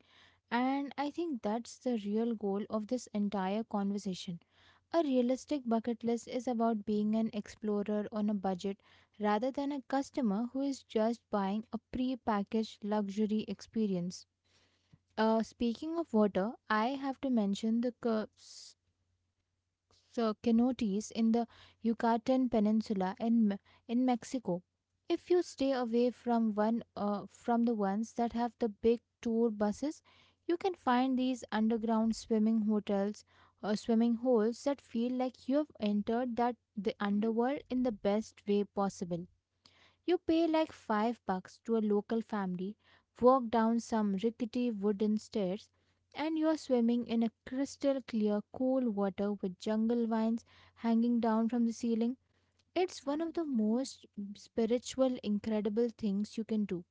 Speaker 1: And I think that's the real goal of this entire conversation. A realistic bucket list is about being an explorer on a budget rather than a customer who is just buying a pre packaged luxury experience. Speaking of water, I have to mention the curves cenotes in the Yucatan Peninsula and Me- in Mexico. If you stay away from one from the ones that have the big tour buses, you can find these underground swimming hotels or swimming holes that feel like you have entered that the underworld in the best way possible. You pay like $5 to a local family, walk down some rickety wooden stairs, and you are swimming in a crystal clear, cool water with jungle vines hanging down from the ceiling. It's one of the most spiritual, incredible things you can do,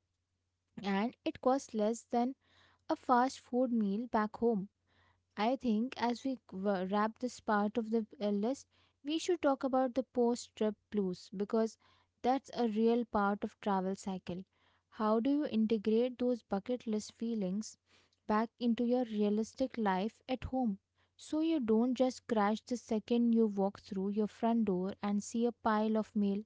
Speaker 1: and it costs less than a fast food meal back home. I think as we wrap this part of the list, we should talk about the post trip blues because that's a real part of travel cycle. How do you integrate those bucket list feelings back into your realistic life at home, so you don't just crash the second you walk through your front door and see a pile of mail?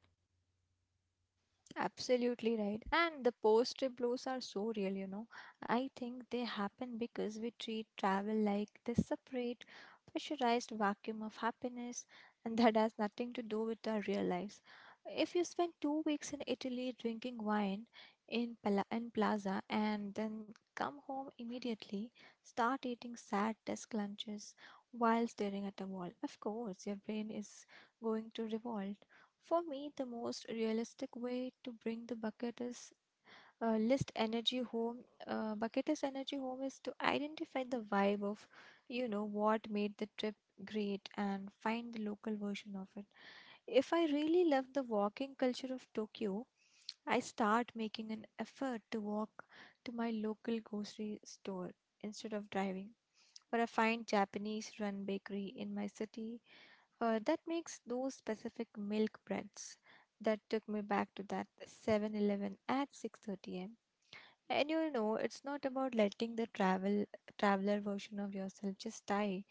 Speaker 2: Absolutely right. And the post trip blues are so real, you know. I think they happen because we treat travel like this separate, pressurized vacuum of happiness, and that has nothing to do with our real lives. If you spend 2 weeks in Italy drinking wine in, in Plaza and then come home immediately, start eating sad desk lunches while staring at a wall, of course, your brain is going to revolt. For me, the most realistic way to bring the bucket is list energy home. Bucket is energy home is to identify the vibe of, you know, what made the trip great and find the local version of it. If I really love the walking culture of Tokyo, I start making an effort to walk to my local grocery store instead of driving for a fine Japanese run bakery in my city that makes those specific milk breads. That took me back to that 7-Eleven at 6:30 a.m. And you'll know it's not about letting the travel traveler version of yourself just die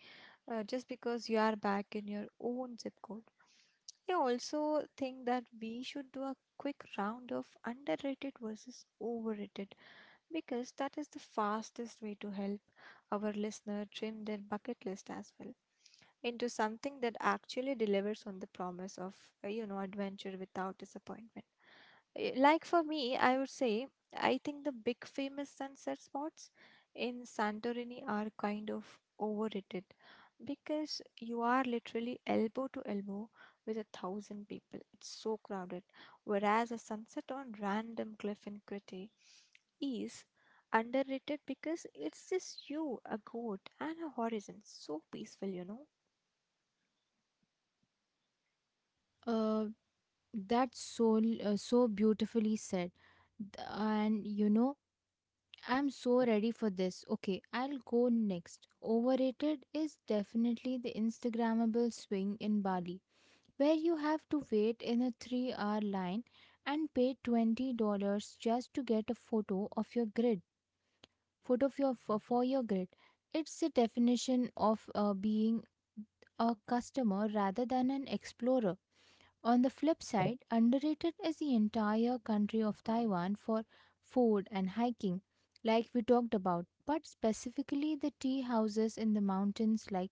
Speaker 2: just because you are back in your own zip code. I also think that we should do a quick round of underrated versus overrated because that is the fastest way to help our listener trim their bucket list as well into something that actually delivers on the promise of you know, adventure without disappointment. Like, for me, I would say I think the big famous sunset spots in Santorini are kind of overrated because you are literally elbow to elbow with a thousand people. It's so crowded, whereas a sunset on random cliff in Crete is underrated because it's just you, a goat, and a horizon. So peaceful, you know.
Speaker 1: Uh, that's so beautifully said. And you know, I'm so ready for this. Okay, I'll go next. Overrated is definitely the Instagrammable swing in Bali, where you have to wait in a 3-hour line and pay $20 just to get a photo of your grid. Photo of your, for your grid. It's the definition of being a customer rather than an explorer. On the flip side, underrated is the entire country of Taiwan for food and hiking, like we talked about, but specifically the tea houses in the mountains like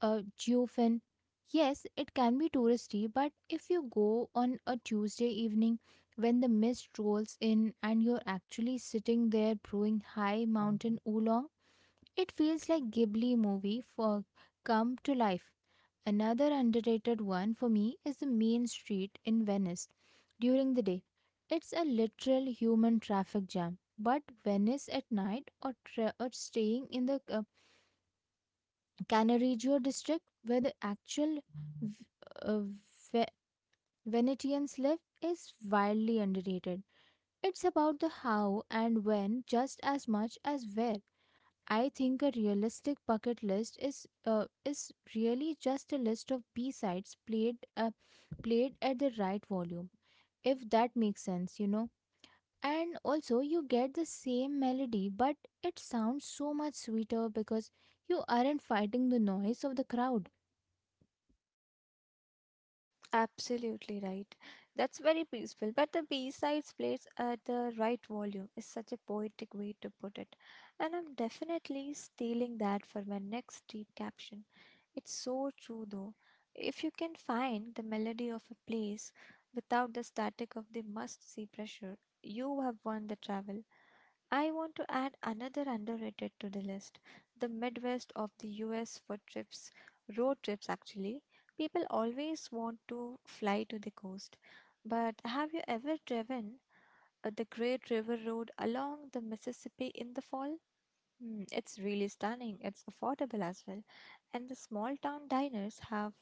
Speaker 1: Jiufen. Yes, it can be touristy, but if you go on a Tuesday evening when the mist rolls in and you're actually sitting there brewing high mountain oolong, it feels like Ghibli movie for come to life. Another underrated one for me is the main street in Venice during the day. It's a literal human traffic jam. But Venice at night, or staying in the Cannaregio district where the actual v- uh, Ve- Venetians live is wildly underrated. It's about the how and when just as much as where. I think a realistic bucket list is really just a list of B sides played at the right volume, if that makes sense, you know. And also, you get the same melody, but it sounds so much sweeter because you aren't fighting the noise of the crowd.
Speaker 2: Absolutely right. That's very peaceful. But the B sides plays at the right volume is such a poetic way to put it. And I'm definitely stealing that for my next deep caption. It's so true though. If you can find the melody of a place without the static of the must see pressure, you have won the travel. I want to add another underrated to the list, the Midwest of the US for trips, road trips actually. People always want to fly to the coast, but have you ever driven the Great River Road along the Mississippi in the fall? Mm, it's really stunning. It's affordable as well. And the small town diners have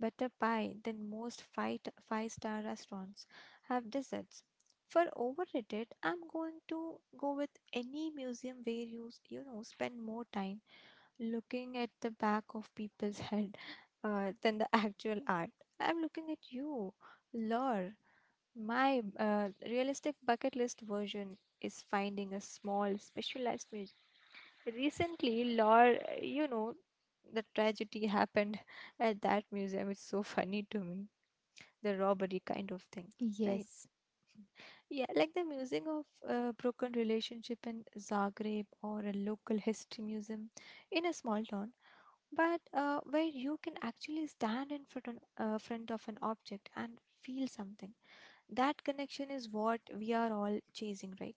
Speaker 2: better pie than most five-star restaurants have desserts. For overrated, I'm going to go with any museum where you know, spend more time looking at the back of people's head than the actual art. I'm looking at you, Lore. My realistic bucket list version is finding a small specialized museum. Recently, Lord, you know, the tragedy happened at that museum. It's so funny to me. The robbery kind of thing, right?
Speaker 1: Yes,
Speaker 2: Yeah, like the museum of broken relationship in Zagreb or a local history museum in a small town, but where you can actually stand in front, front of an object and feel something. That connection is what we are all chasing, right?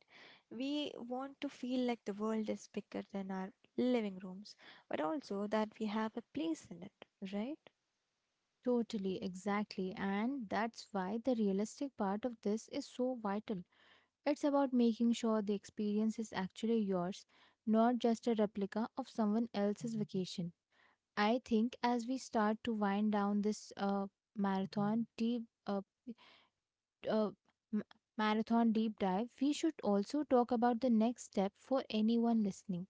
Speaker 2: We want to feel like the world is bigger than our living rooms, but also that we have a place in it, right?
Speaker 1: totally, exactly, and that's why the realistic part of this is so vital. It's about making sure the experience is actually yours, not just a replica of someone else's vacation. I think as we start to wind down this marathon deep uh, uh, m- marathon deep dive, we should also talk about the next step for anyone listening,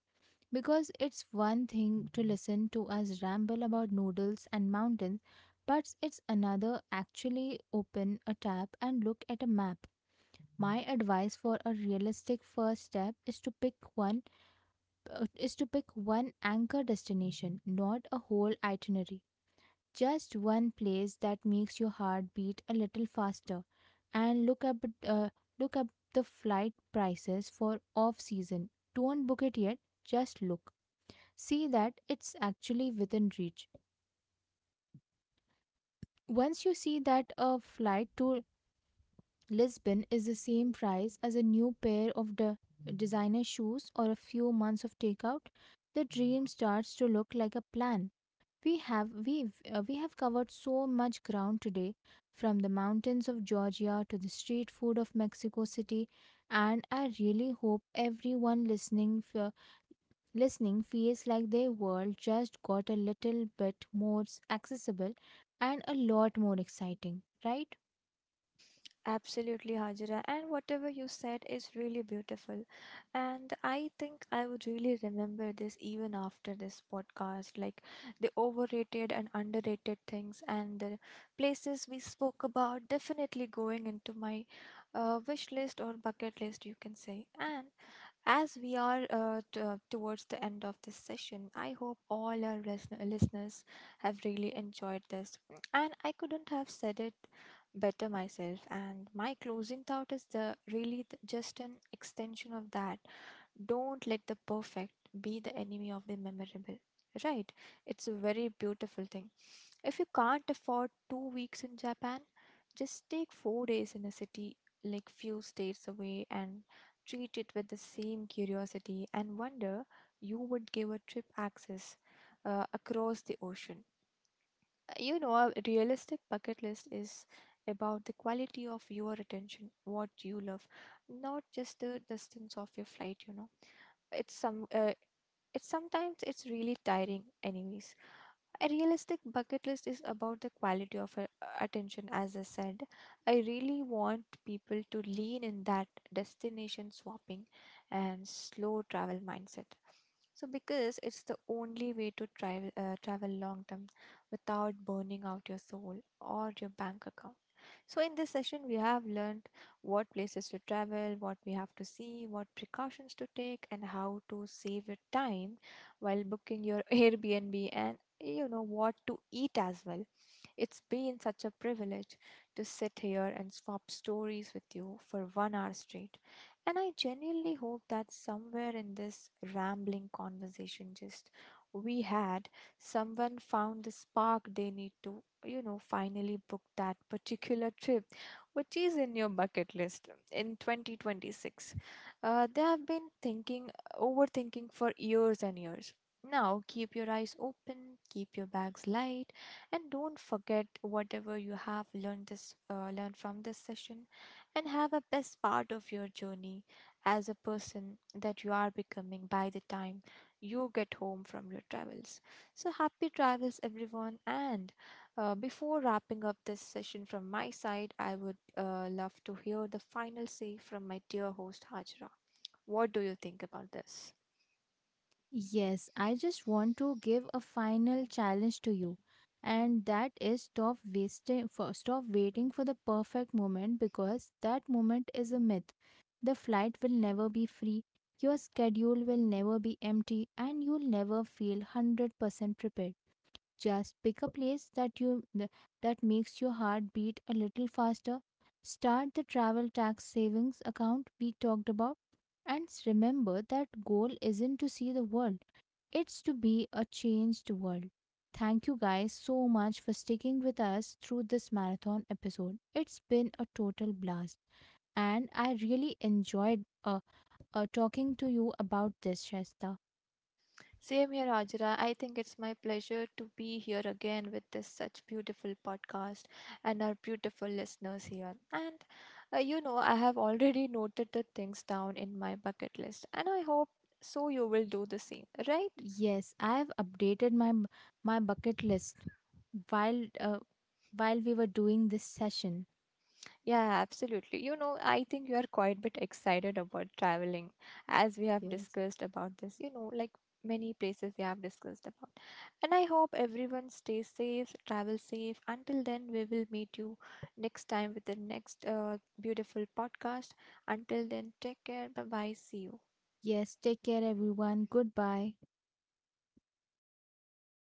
Speaker 1: because it's one thing to listen to us ramble about noodles and mountains, but it's another actually open a tab and look at a map. My advice for a realistic first step is to pick one anchor destination, not a whole itinerary. Just one place that makes your heart beat a little faster, and uh, look up the flight prices for off season. Don't book it yet. Just look. See that it's actually within reach. Once you see that a flight to Lisbon is the same price as a new pair of designer shoes or a few months of takeout, the dream starts to look like a plan. We have covered so much ground today, from the mountains of Georgia to the street food of Mexico City, and I really hope everyone listening feels like their world just got a little bit more accessible and a lot more exciting, right?
Speaker 2: Absolutely, Hajira. And whatever you said is really beautiful. And I think I would really remember this even after this podcast, like the overrated and underrated things, and the places we spoke about definitely going into my wish list or bucket list, you can say. And as we are towards the end of this session, I hope all our listeners have really enjoyed this. And I couldn't have said it better myself. And my closing thought is the just an extension of that. Don't let the perfect be the enemy of the memorable. Right? It's a very beautiful thing. If you can't afford 2 weeks in Japan, just take 4 days in a city like few states away and treat it with the same curiosity and wonder you would give a trip access across the ocean. You know, a realistic bucket list is about the quality of your attention, what you love, not just the distance of your flight, you know. It's some uh, it's sometimes it's really tiring anyways, a realistic bucket list is about the quality of attention, as I said. I really want people to lean in that destination swapping and slow travel mindset. So, because it's the only way to travel, travel long term without burning out your soul or your bank account. So, in this session, we have learned what places to travel, what we have to see, what precautions to take, and how to save your time while booking your Airbnb, and you know what to eat as well. It's been such a privilege to sit here and swap stories with you for 1 hour straight. And I genuinely hope that somewhere in this rambling conversation, just we had, someone found the spark they need to, you know, finally book that particular trip, which is in your bucket list in 2026. They have been thinking, overthinking for years and years. Now, keep your eyes open, keep your bags light, and don't forget whatever you have learned this learned from this session, and have a best part of your journey as a person that you are becoming by the time you get home from your travels. So happy travels everyone, and before wrapping up this session from my side, I would love to hear the final say from my dear host Hajra. What do you think about this?
Speaker 1: Yes, I just want to give a final challenge to you, and that is stop waiting for the perfect moment because that moment is a myth. The flight will never be free, your schedule will never be empty, and you'll never feel 100% prepared. Just pick a place that makes your heart beat a little faster. Start the travel tax savings account we talked about and remember that goal isn't to see the world. It's to be a changed world. Thank you guys so much for sticking with us through this marathon episode. It's been a total blast and I really enjoyed talking to you about this, Shasta.
Speaker 2: Same here, Ajra. I think it's my pleasure to be here again with this such beautiful podcast and our beautiful listeners here. And you know, I have already noted the things down in my bucket list, and I hope so you will do the same, right?
Speaker 1: Yes, I have updated my bucket list while uh, while we were doing this session.
Speaker 2: Yeah, absolutely. You know, I think you are quite a bit excited about traveling, as we have
Speaker 1: Yes.
Speaker 2: discussed about this, you know, like many places we have discussed about. And I hope everyone stays safe, travel safe. Until then, we will meet you next time with the next beautiful podcast. Until then, take care. Bye bye. See you.
Speaker 1: Yes, take care everyone. Goodbye.